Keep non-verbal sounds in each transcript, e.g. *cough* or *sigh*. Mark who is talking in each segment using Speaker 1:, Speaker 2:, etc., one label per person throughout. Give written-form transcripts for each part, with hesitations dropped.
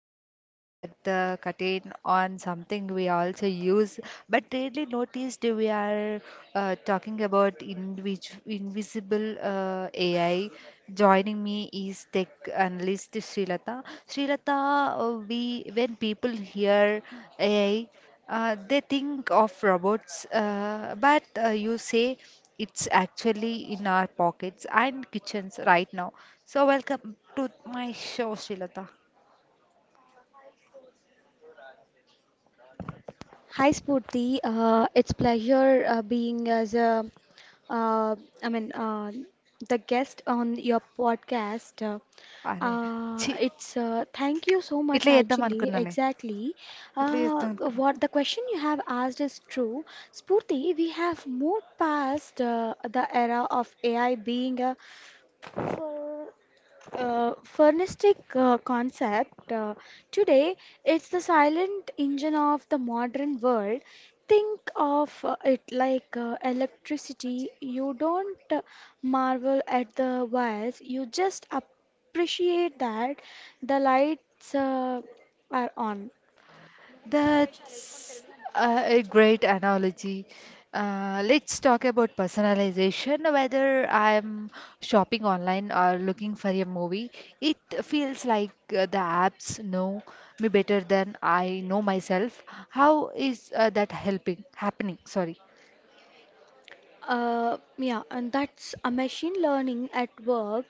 Speaker 1: are peeling back the curtain on something we also use but rarely noticed. We are talking about invisible AI. Joining me is tech analyst Srilata. Srilata, we when people hear AI, they think of robots, but you say it's actually in our pockets and kitchens right now. So so welcome to my show Srilatha
Speaker 2: Hi Spurti, it's pleasure being as a uh, I mean uh, the guest on your podcast.
Speaker 1: అరే ఛీ
Speaker 2: It's Thank you so much
Speaker 1: ఇట్లా చేద్దాం
Speaker 2: actually
Speaker 1: అనుకున్నానే
Speaker 2: exactly.
Speaker 1: ఇట్లా
Speaker 2: Uh,
Speaker 1: చేద్దాం అనుకున్నా
Speaker 2: what the question you have asked is true. Spurti, we have moved past the era of AI being a furnistic concept. Today it's the silent engine of the modern world. Think of it like electricity. You don't marvel at the wires, you just appreciate that the lights are on.
Speaker 1: That's a great analogy. Let's talk about personalization. Whether I'm shopping online or looking for a movie, it feels like the apps know me better than I know myself. How is that helping? Happening, sorry.
Speaker 2: Yeah, and that's a machine learning at work.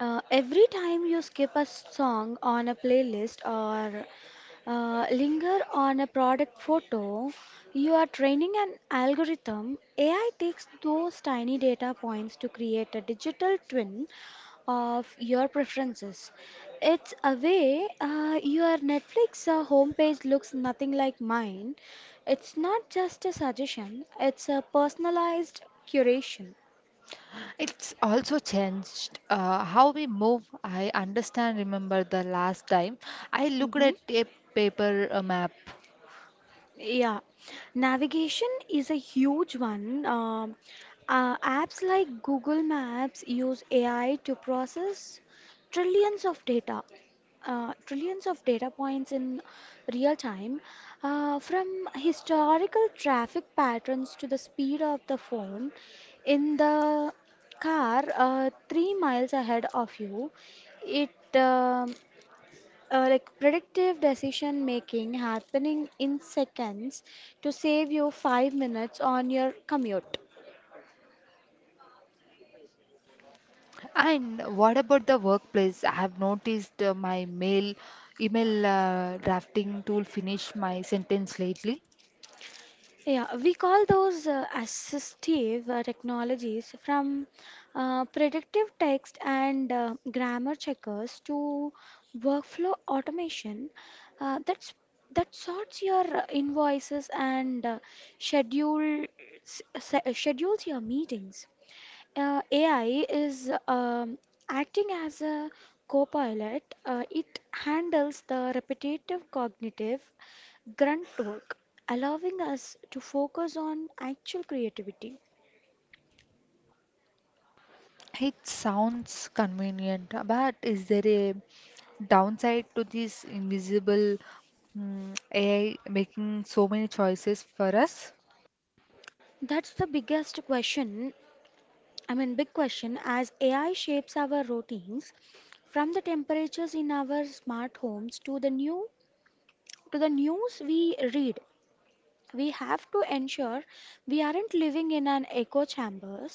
Speaker 2: Every time you skip a song on a playlist or linger on a product photo, you are training an algorithm. AI takes those tiny data points to create a digital twin of your preferences. It's a way your Netflix homepage looks nothing like mine. It's not just a suggestion, it's a personalized curation.
Speaker 1: It's also changed how we move. I understand, remember the last time I looked
Speaker 2: Mhm.
Speaker 1: at a paper map.
Speaker 2: Yeah, navigation is a huge one. Apps like Google Maps use AI to process trillions of data, trillions of data points in real time, from historical traffic patterns to the speed of the phone in the car 3 miles ahead of you. It um like predictive decision making happening in seconds to save you 5 minutes on your commute.
Speaker 1: And what about the workplace? I have noticed my mail email drafting tool finish my sentence lately.
Speaker 2: Yeah, we call those assistive technologies, from predictive text and grammar checkers to workflow automation uh, that's that sorts your invoices and schedule schedules your meetings. AI is acting as a co-pilot. It handles the repetitive cognitive grunt work, allowing us to focus on actual creativity.
Speaker 1: It sounds convenient, but is there a downside to this invisible AI making so many choices for us?
Speaker 2: That's the biggest question. I mean, big question, as AI shapes our routines from the temperatures in our smart homes to the news we read. We have to ensure we aren't living in an echo chamber.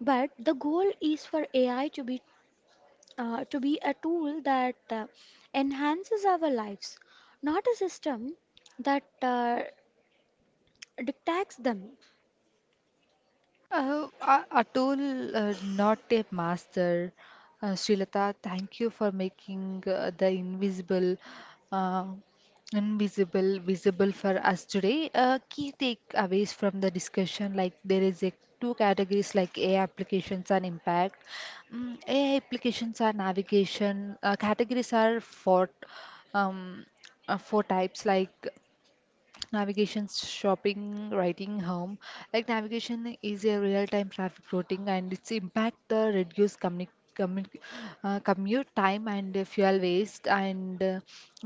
Speaker 2: But the goal is for AI to be a tool that enhances our lives, not a system that dictates them.
Speaker 1: Atul, not a master. Srilata, thank you for making the uh, invisible visible for us today. Key takeaways from the discussion, like there is a two categories like AI applications and impact. AI applications are navigation. Categories are for um, four types like navigation, shopping, writing, home. Like navigation is a real-time traffic routing and its impact the reduce commu commute time and fuel waste, and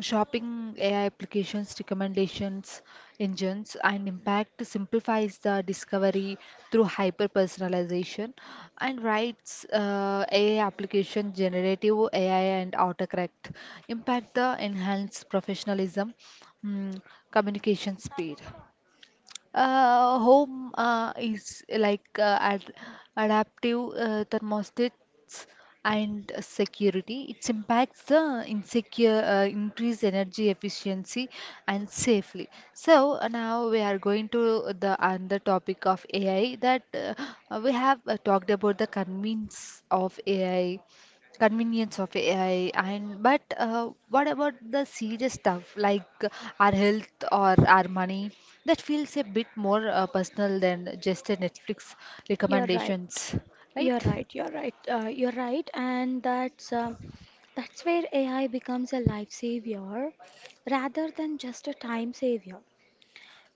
Speaker 1: shopping AI applications recommendations engines and impact simplifies the discovery through hyper personalization. And writes AI application generative AI and autocorrect impact the enhanced professionalism, mm, communication speed. Home is like ad adaptive thermostats and security. It impacts the insecure, increase energy efficiency and safely. So now we are going to the another topic of AI, that we have talked about the convenience of AI. And but what about the serious stuff like our health or our money, that feels a bit more personal than just a Netflix
Speaker 2: You're right.
Speaker 1: recommendations, right?
Speaker 2: You're right. You're right. You're right. And that's where AI becomes a life savior rather than just a time savior.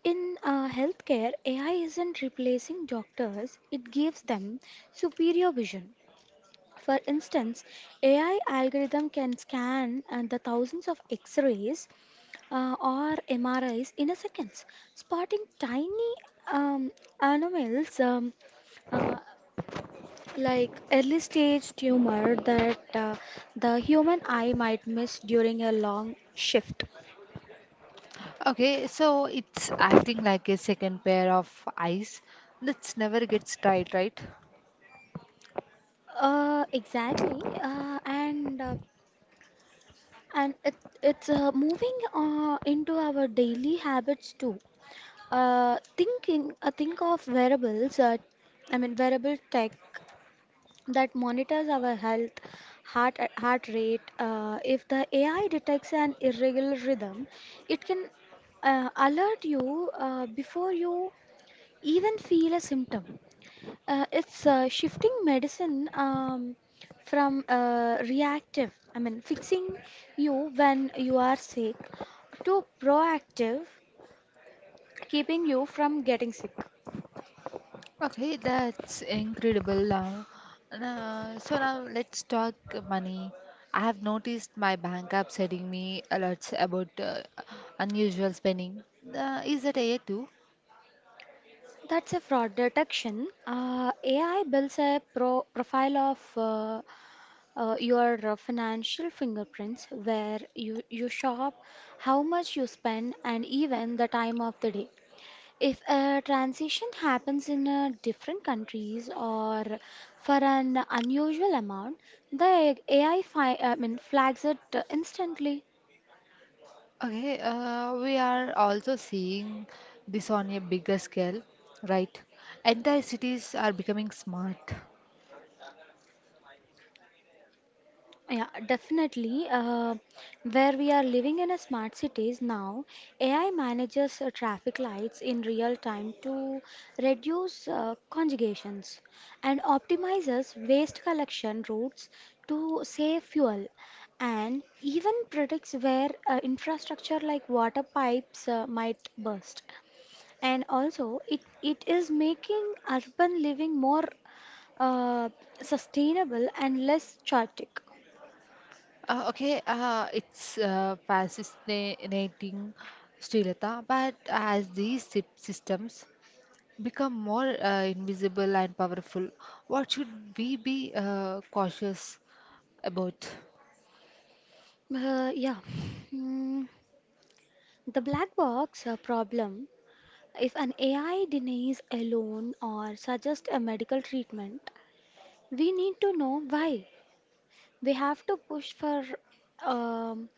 Speaker 2: In healthcare, AI isn't replacing doctors, it gives them superior vision. For instance, AI algorithm can scan the thousands of X-rays or MRIs in a seconds, spotting tiny um, anomalies uh, like early stage tumor that the human eye might miss during a long shift.
Speaker 1: Okay, so it's acting like a second pair of eyes that never gets tired, right?
Speaker 2: Exactly, and it's moving into our daily habits too. Think of wearables. I mean, wearable tech that monitors our health, heart rate. If the AI detects an irregular rhythm, it can alert you before you even feel a symptom. It's shifting medicine from reactive, I mean, fixing you when you are sick, to proactive, keeping you from getting sick.
Speaker 1: Okay, that's incredible now. So now let's talk money. I have noticed my bank app sending me alerts about unusual spending. Is that AI too?
Speaker 2: That's a fraud detection. AI builds a profile of your financial fingerprints, where you shop, how much you spend, and even the time of the day. If a transition happens in different countries or for an unusual amount, the AI flags it instantly.
Speaker 1: Okay, we are also seeing this on a bigger scale, right? Entire cities are becoming smart.
Speaker 2: Yeah, definitely. Where we are living in a smart cities now, AI manages traffic lights in real time to reduce congestions and optimizes waste collection routes to save fuel and even predicts where infrastructure like water pipes might burst. And also, it is making urban living more uh, sustainable and less chaotic.
Speaker 1: Okay, it's fascinating, Srilata, but as these systems become more invisible and powerful. What should we be cautious about?
Speaker 2: Yeah. Mm, the black box problem. If an AI denies a loan or suggests a medical treatment, we need to know why. We have to push for um,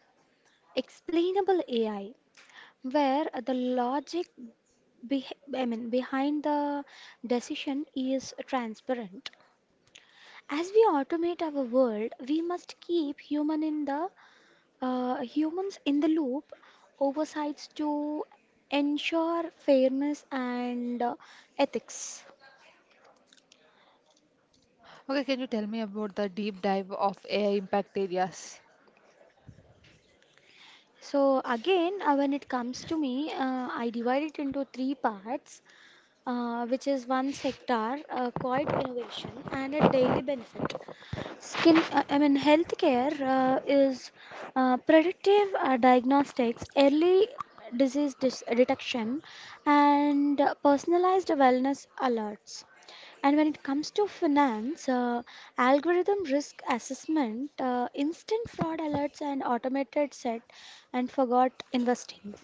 Speaker 2: explainable AI, where the logic be behind the decision is transparent. As we automate our world, we must keep humans in the loop oversights to ensure fairness and ethics.
Speaker 1: Okay, can you tell me about the deep dive of AI impact areas?
Speaker 2: So again, when it comes to me, I divide it into three parts, which is one sector, quiet innovation, and a daily benefit. Healthcare is predictive diagnostics, early disease detection, and personalized wellness alerts. And when it comes to finance, algorithm risk assessment, instant fraud alerts, and automated set and forgot investing.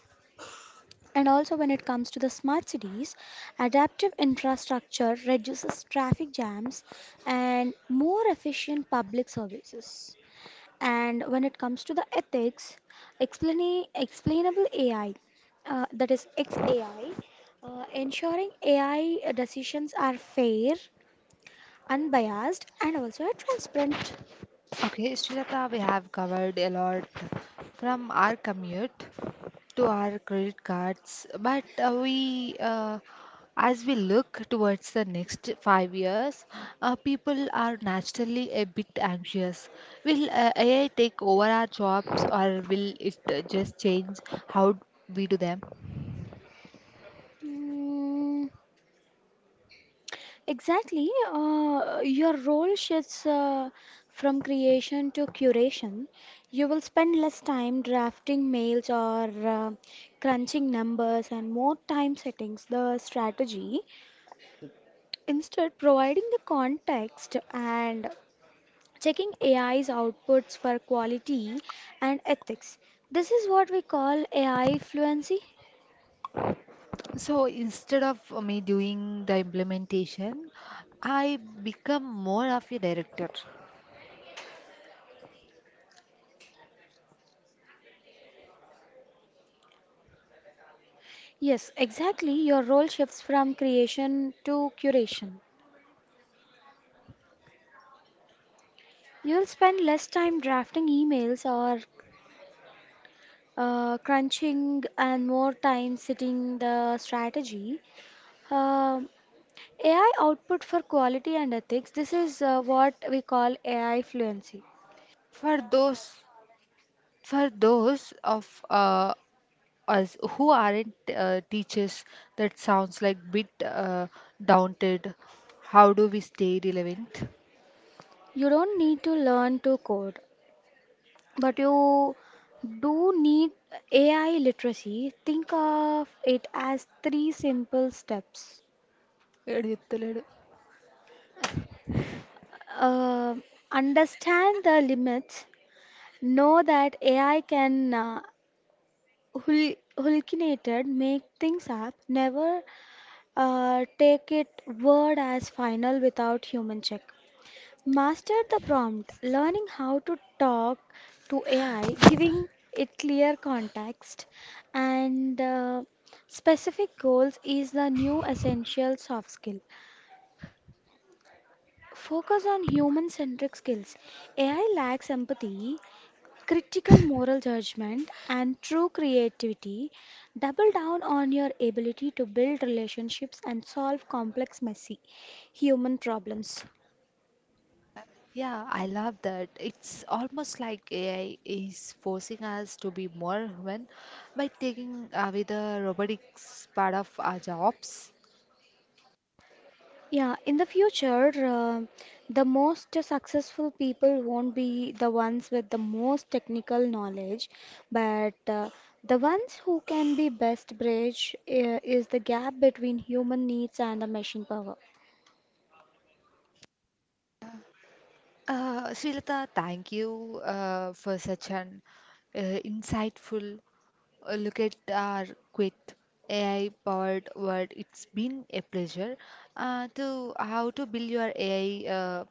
Speaker 2: And also, when it comes to the smart cities, adaptive infrastructure reduces traffic jams and more efficient public services. And when it comes to the ethics, explainable AI, that is XAI, ensuring AI decisions are fair, unbiased and also transparent.
Speaker 1: Okay, Srilata, we have covered a lot from our commute to our credit cards, but as we look towards the next 5 years, people are naturally a bit anxious. Will AI take over our jobs, or will it just change how we do them?
Speaker 2: Mm, exactly. Your role shifts from creation to curation. You will spend less time drafting mails or crunching numbers and more time settings the strategy. Instead, providing the context and checking AI's outputs for quality and ethics. This is what we call AI fluency.
Speaker 1: So instead of me doing the implementation, I become more of a director.
Speaker 2: Yes, exactly. Your role shifts from creation to curation. You'll spend less time drafting emails or crunching and more time sitting the strategy. Um AI output for quality and ethics. This is what we call AI fluency.
Speaker 1: For those for those of us who aren't teachers, that sounds like bit daunted. How do we stay relevant?
Speaker 2: You don't need to learn to code, but you do need AI literacy. Think of it as three simple steps.
Speaker 1: ఎడియత్తలేడు
Speaker 2: Uh, Understand the limits. Know that AI can hallucinated, make things up. Never take it word as final without human check. Master the prompt. Learning how to talk to AI, giving it clear context and specific goals is the new essential soft skill. Focus on human centric skills. AI lacks empathy, critical moral judgment and true creativity. Double down on your ability to build relationships and solve complex messy human problems.
Speaker 1: Yeah, I love that. It's almost like AI is forcing us to be more human by taking away the robotics part of our jobs.
Speaker 2: Yeah, in the future, uh, the most successful people won't be the ones with the most technical knowledge, but the ones who can be best bridge is the gap between human needs and the machine power.
Speaker 1: Srilata, thank you for such an uh, insightful look at our quit AI powered world. It's been a pleasure to how to build your AI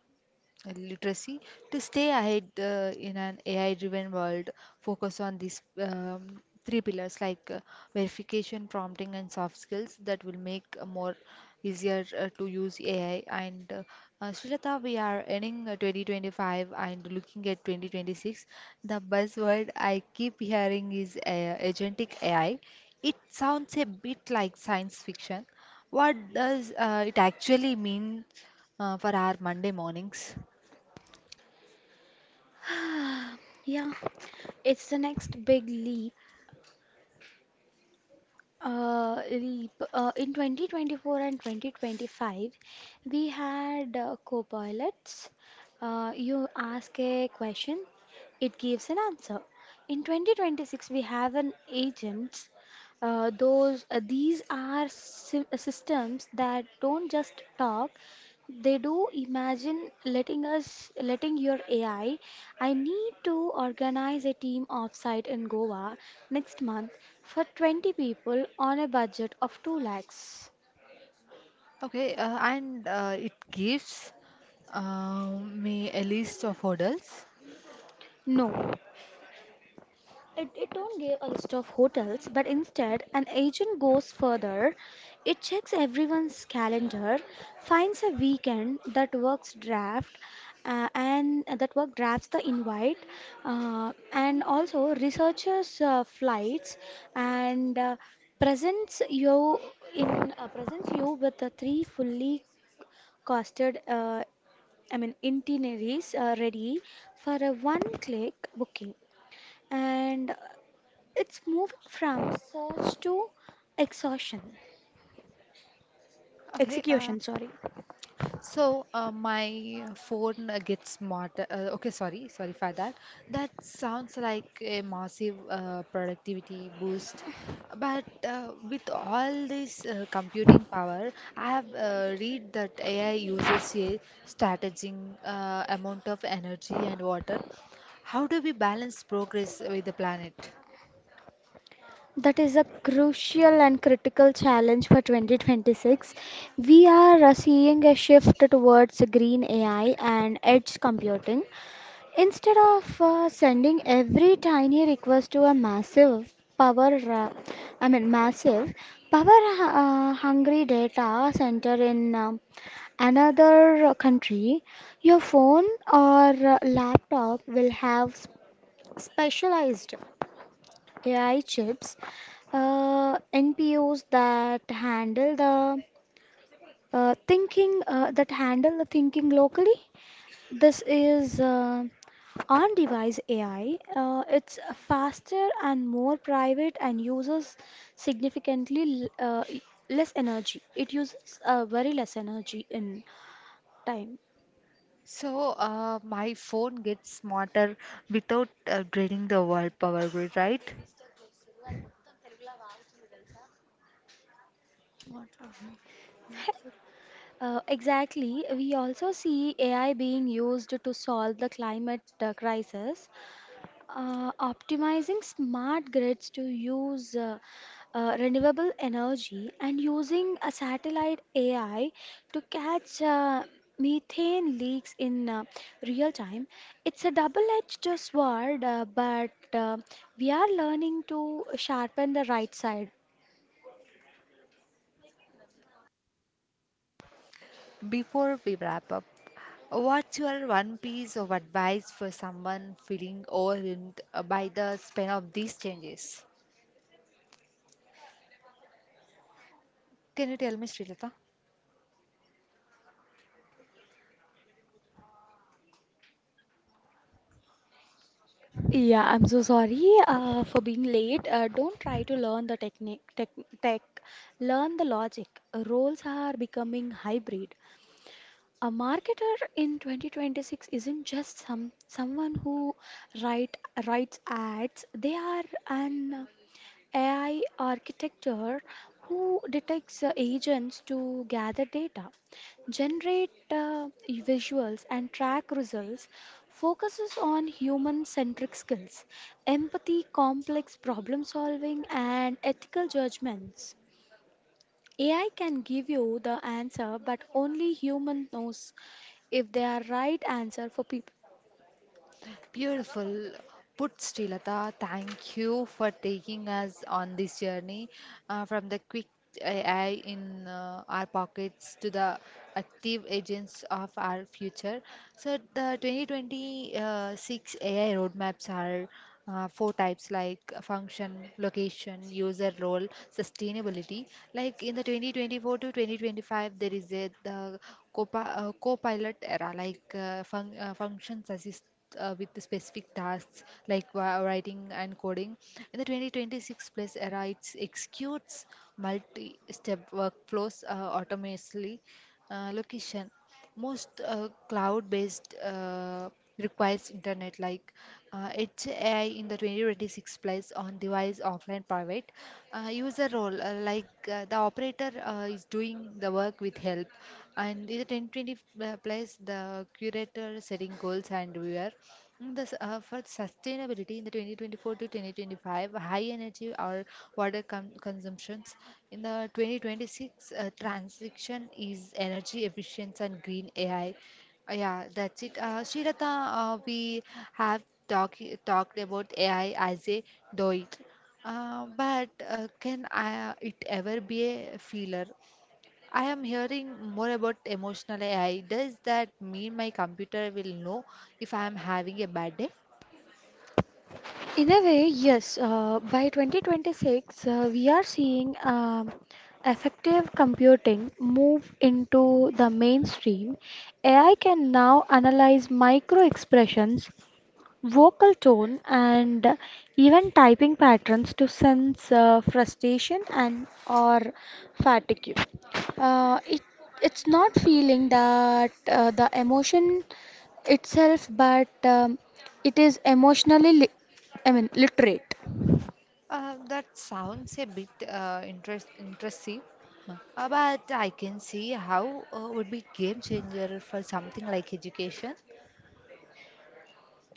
Speaker 1: literacy to stay ahead in an AI driven world. Focus on these three pillars like verification, prompting, and soft skills that will make more easier to use AI. And Srilata, we are ending 2025 and looking at 2026. The buzzword I keep hearing is agentic AI. It sounds a bit like science fiction. What does it actually mean for our Monday mornings?
Speaker 2: *sighs* Yeah, it's the next big leap. In 2024 and 2025, we had co-pilots. You ask a question, it gives an answer. In 2026, we have an agents. Those These are systems that don't just talk; they do. Imagine letting your AI, I need to organize a team offsite in Goa next month for 20 people on a budget of 2 lakhs.
Speaker 1: Okay, and it gives me a list of hurdles.
Speaker 2: No, it don't give a list of hotels, but instead an agent goes further. It checks everyone's calendar, finds a weekend that works draft, and that work drafts the invite, and also researches flights and presents you presents you with the three fully costed itineraries ready for a one-click booking. And it's moving from search to exhaustion,
Speaker 1: Okay, uh,
Speaker 2: execution, sorry.
Speaker 1: so uh, my phone gets smarter. Okay, sorry for that. That sounds like a massive productivity boost. But with all this computing power, I have read that AI uses a strategizing amount of energy and water. How do we balance progress with the planet?
Speaker 2: That is a crucial and critical challenge for 2026. We are seeing a shift towards green AI and edge computing. Instead of sending every tiny request to a massive power hungry data center in another country, your phone or laptop will have specialized AI chips, NPOs that handle the thinking that handle the thinking locally. This is on-device AI. It's faster and more private and uses significantly less energy. It uses very less energy in time. *laughs*
Speaker 1: So, my phone gets smarter without draining the world power grid, right? What problem?
Speaker 2: Exactly. We also see AI being used to solve the climate crisis. Optimizing smart grids to use renewable energy and using a satellite AI to catch methane leaks in real time. It's a double-edged sword, but we are learning to sharpen the right side.
Speaker 1: Before we wrap up, what's your one piece of advice for someone feeling overwhelmed by the span of these changes? Can you tell me, Srilata?
Speaker 2: Yeah, I'm so sorry for being late. Don't try to learn the tech. Learn the logic. Roles are becoming hybrid. A marketer in 2026 isn't just someone who write writes ads. They are an AI architecture who detects agents to gather data, generate uh, visuals and track results, focuses on human-centric skills, empathy, complex problem solving and ethical judgments. AI can give you the answer, but only human knows if they are right answer for people.
Speaker 1: Beautiful. Put Srilata, thank you for taking us on this journey from the quick AI in our pockets to the active agents of our future. So the 2026 AI roadmaps are four types like function, location, user role, sustainability. Like in the 2024 to 2025, there is a the co-pilot era, like functions assist with the specific tasks like writing and coding. In the 2026 plus era, it executes multi-step workflows autonomously. Location. Most cloud-based requires internet like Edge in the 2026 plays on device offline private. User role like the operator is doing the work with help, and in the 1020 plays the curator setting goals and viewer. Thus, for sustainability in the 2024 to 2025, high energy or water consumptions. In the 2026, transition is energy efficiency and green AI. Yeah, that's it. Srilata, we have talked about AI as a doit. But it ever be a feeler? I am hearing more about emotional AI. Does that mean my computer will know if I am having a bad day?
Speaker 2: In a way, yes. By 2026, we are seeing effective computing move into the mainstream. AI can now analyze micro expressions, vocal tone and even typing patterns to sense frustration and or fatigue. uh, it it's not feeling that the emotion itself but it is emotionally literate.
Speaker 1: That sounds a bit interesting. Huh. But I can see how would be game changer for something like education.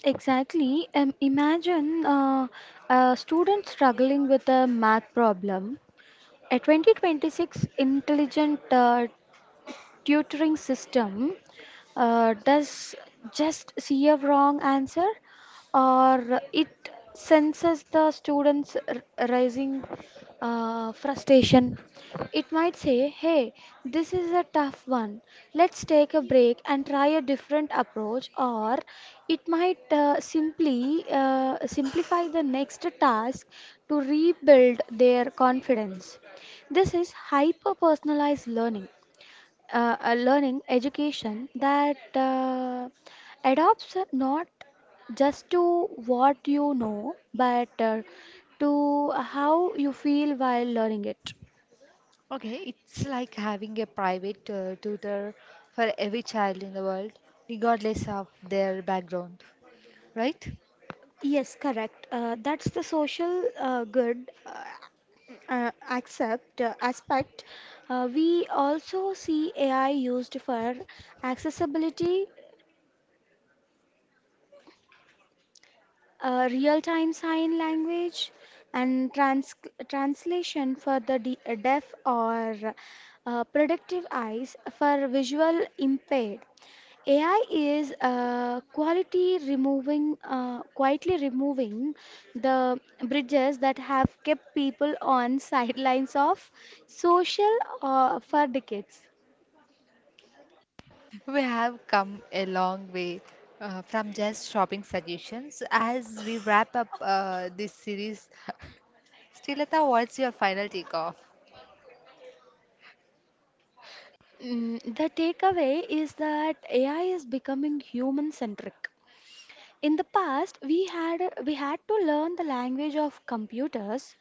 Speaker 2: Exactly. Imagine a student struggling with a math problem. A 2026 intelligent tutoring system does just see a wrong answer or it senses the students rising frustration. It might say, hey, this is a tough one, let's take a break and try a different approach, or it might simply simplify the next task to rebuild their confidence. This is hyper personalized learning, a learning education that adopts not just to what you know, but to how you feel while learning it.
Speaker 1: Okay, it's like having a private tutor for every child in the world, regardless of their background, right?
Speaker 2: Yes, correct. That's the social good accept aspect. We also see AI used for accessibility, real-time sign language and translation for the deaf, or productive eyes for visual impaired. AI is quietly removing the bridges that have kept people on *laughs* sidelines of social, for decades.
Speaker 1: We have come a long way from just shopping suggestions. As we wrap up this series, *laughs* Srilata, what's your final takeoff?
Speaker 2: Mm, the takeaway is that AI is becoming human-centric. In the past, we had to learn the language of computers.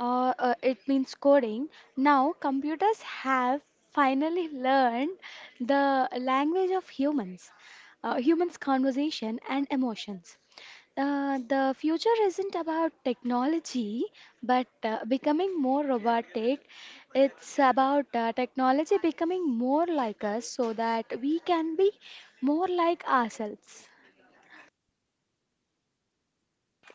Speaker 2: It means coding. Now, computers have finally *laughs* learned the language of humans, humans' conversation and emotions. The future isn't about technology, but becoming more robotic. It's about technology becoming more like us, so that we can be more like ourselves.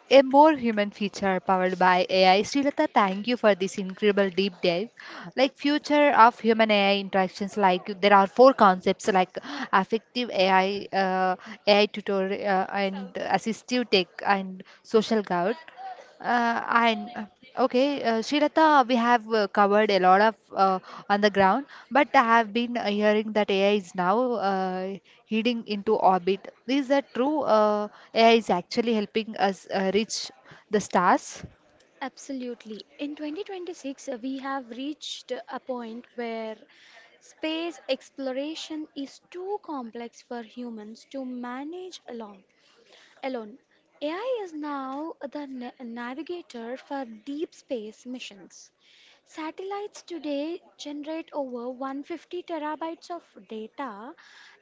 Speaker 1: A more human feature powered by AI. Srilata, thank you for this incredible deep dive. Like future of human AI interactions, like there are four concepts like affective AI, AI tutorial and assistive tech and social good. Uh, I okay, Srilata, we have covered a lot of on the ground, but I have been hearing that AI is now heading into orbit. Is that true? AI is actually helping us reach the stars.
Speaker 2: Absolutely. In 2026, we have reached a point where space exploration is too complex for humans to manage alone. AI is now the navigator for deep space missions. Satellites today generate over 150 terabytes of data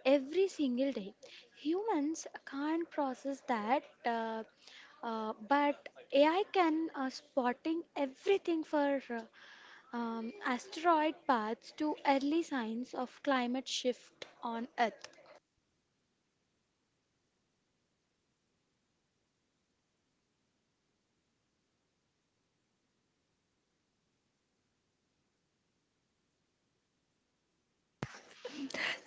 Speaker 2: every single day. Humans can't process that, but AI can, spotting everything for asteroid paths to early signs of climate shift on Earth.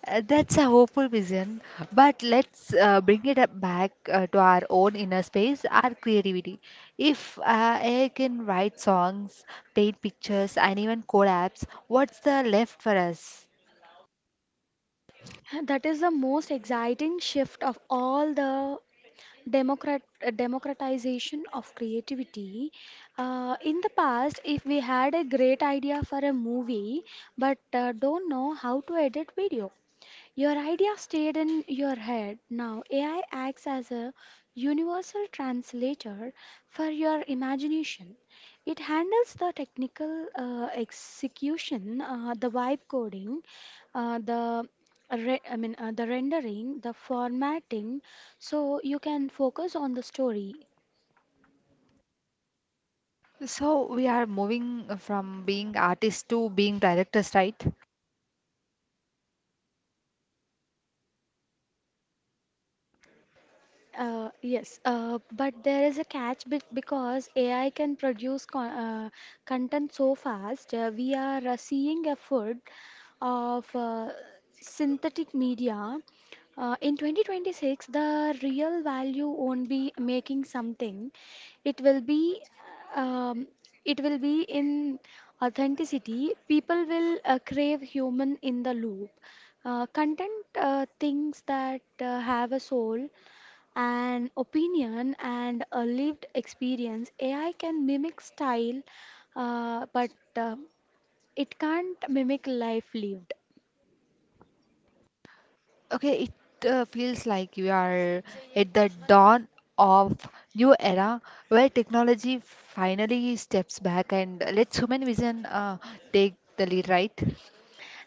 Speaker 1: That's a hopeful vision, but let's bring it up back to our own inner space, our creativity. If AI can write songs, paint pictures, and even code apps, what's the left for us?
Speaker 2: That is the most exciting shift of all: the democratization of creativity. In the past, if we had a great idea for a movie but don't know how to edit video, your idea stayed in your head. Now AI acts as a universal translator for your imagination. It handles the technical execution, the vibe coding, the re- I mean the rendering, the formatting, so you can focus on the story.
Speaker 1: So we are moving from being artists to being directors, right?
Speaker 2: Yes, but there is a catch, be because AI can produce content so fast. We are seeing a flood of synthetic media. In 2026, the real value won't be making something. It will be, um, it will be in authenticity. People will crave human in the loop. Content, things that have a soul and opinion and a lived experience. AI can mimic style, but it can't mimic life lived.
Speaker 1: Okay, it feels like you are at the dawn of new era where technology finally steps back and lets human vision take the lead, right?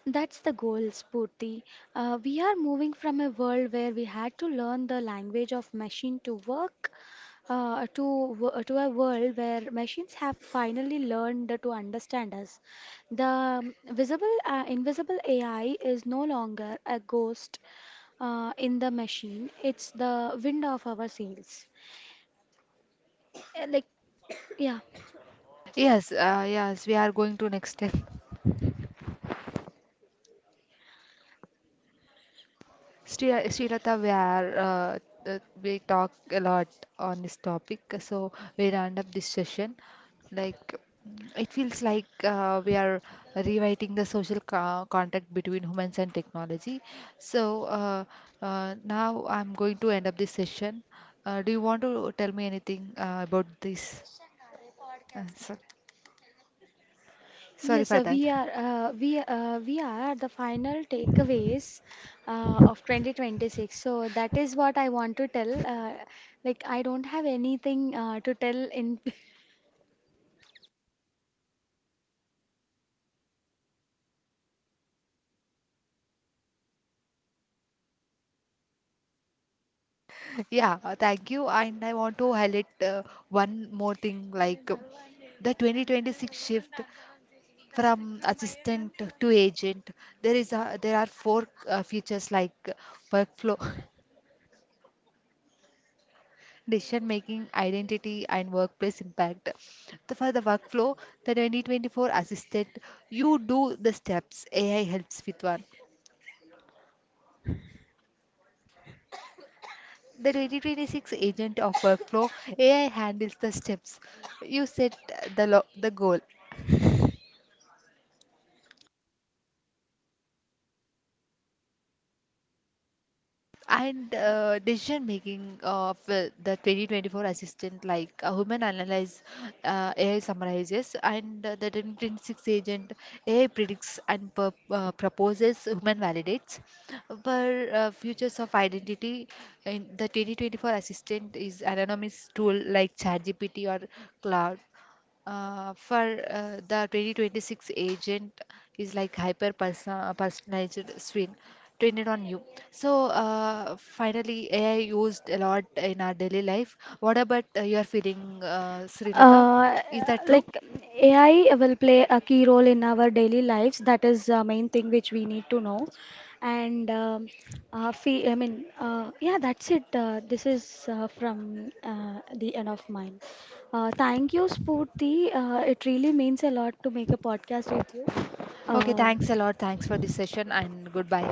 Speaker 2: That's the goal, Spurti. We are moving from a world where we had to learn the language of machine to work, uh, to to a world where machines have finally learned to understand us. The invisible AI is no longer a ghost in the machine. It's the wind of our sails. Uh, Like, yeah.
Speaker 1: Yes, yes, we are going to next step. Srilata, we talk a lot on this topic, so we round up this session. Like it feels like we are rewriting the social contract between humans and technology. So now I'm going to end up this session. Do you want to tell me anything about this? So, sorry
Speaker 2: Yes,
Speaker 1: for that.
Speaker 2: we are the final takeaways of 2026. So that is what I want to tell. Like, I don't have anything to tell in *laughs*
Speaker 1: Yeah, thank you. And I want to highlight one more thing like the 2026 shift from assistant to agent. There are four features like workflow, *laughs* decision making, identity, and workplace impact. The, for the workflow, the 2024 assistant, you do the steps. AI helps with one. The 2026 agent of workflow, AI handles the steps. You set the goal. And decision making of the 2024 assistant, like a human analyze, AI summarizes, and the 2026 agent AI predicts and proposes, human validates. But futures of identity in the 2024 assistant is anonymous tool like ChatGPT or Cloud for the 2026 agent is like hyper personalized screen trained on you. So finally, AI used a lot in our daily life. What about your feeling, Srilata?
Speaker 2: Uh,
Speaker 1: Is that true?
Speaker 2: like, AI will play a key role in our daily lives. That is the main thing which we need to know. And fee, I mean, yeah, that's it. This is from the end of mine. Thank you, Spurti. It really means a lot to make a podcast with you.
Speaker 1: Okay,
Speaker 2: Um
Speaker 1: thanks a lot. Thanks for this session and goodbye.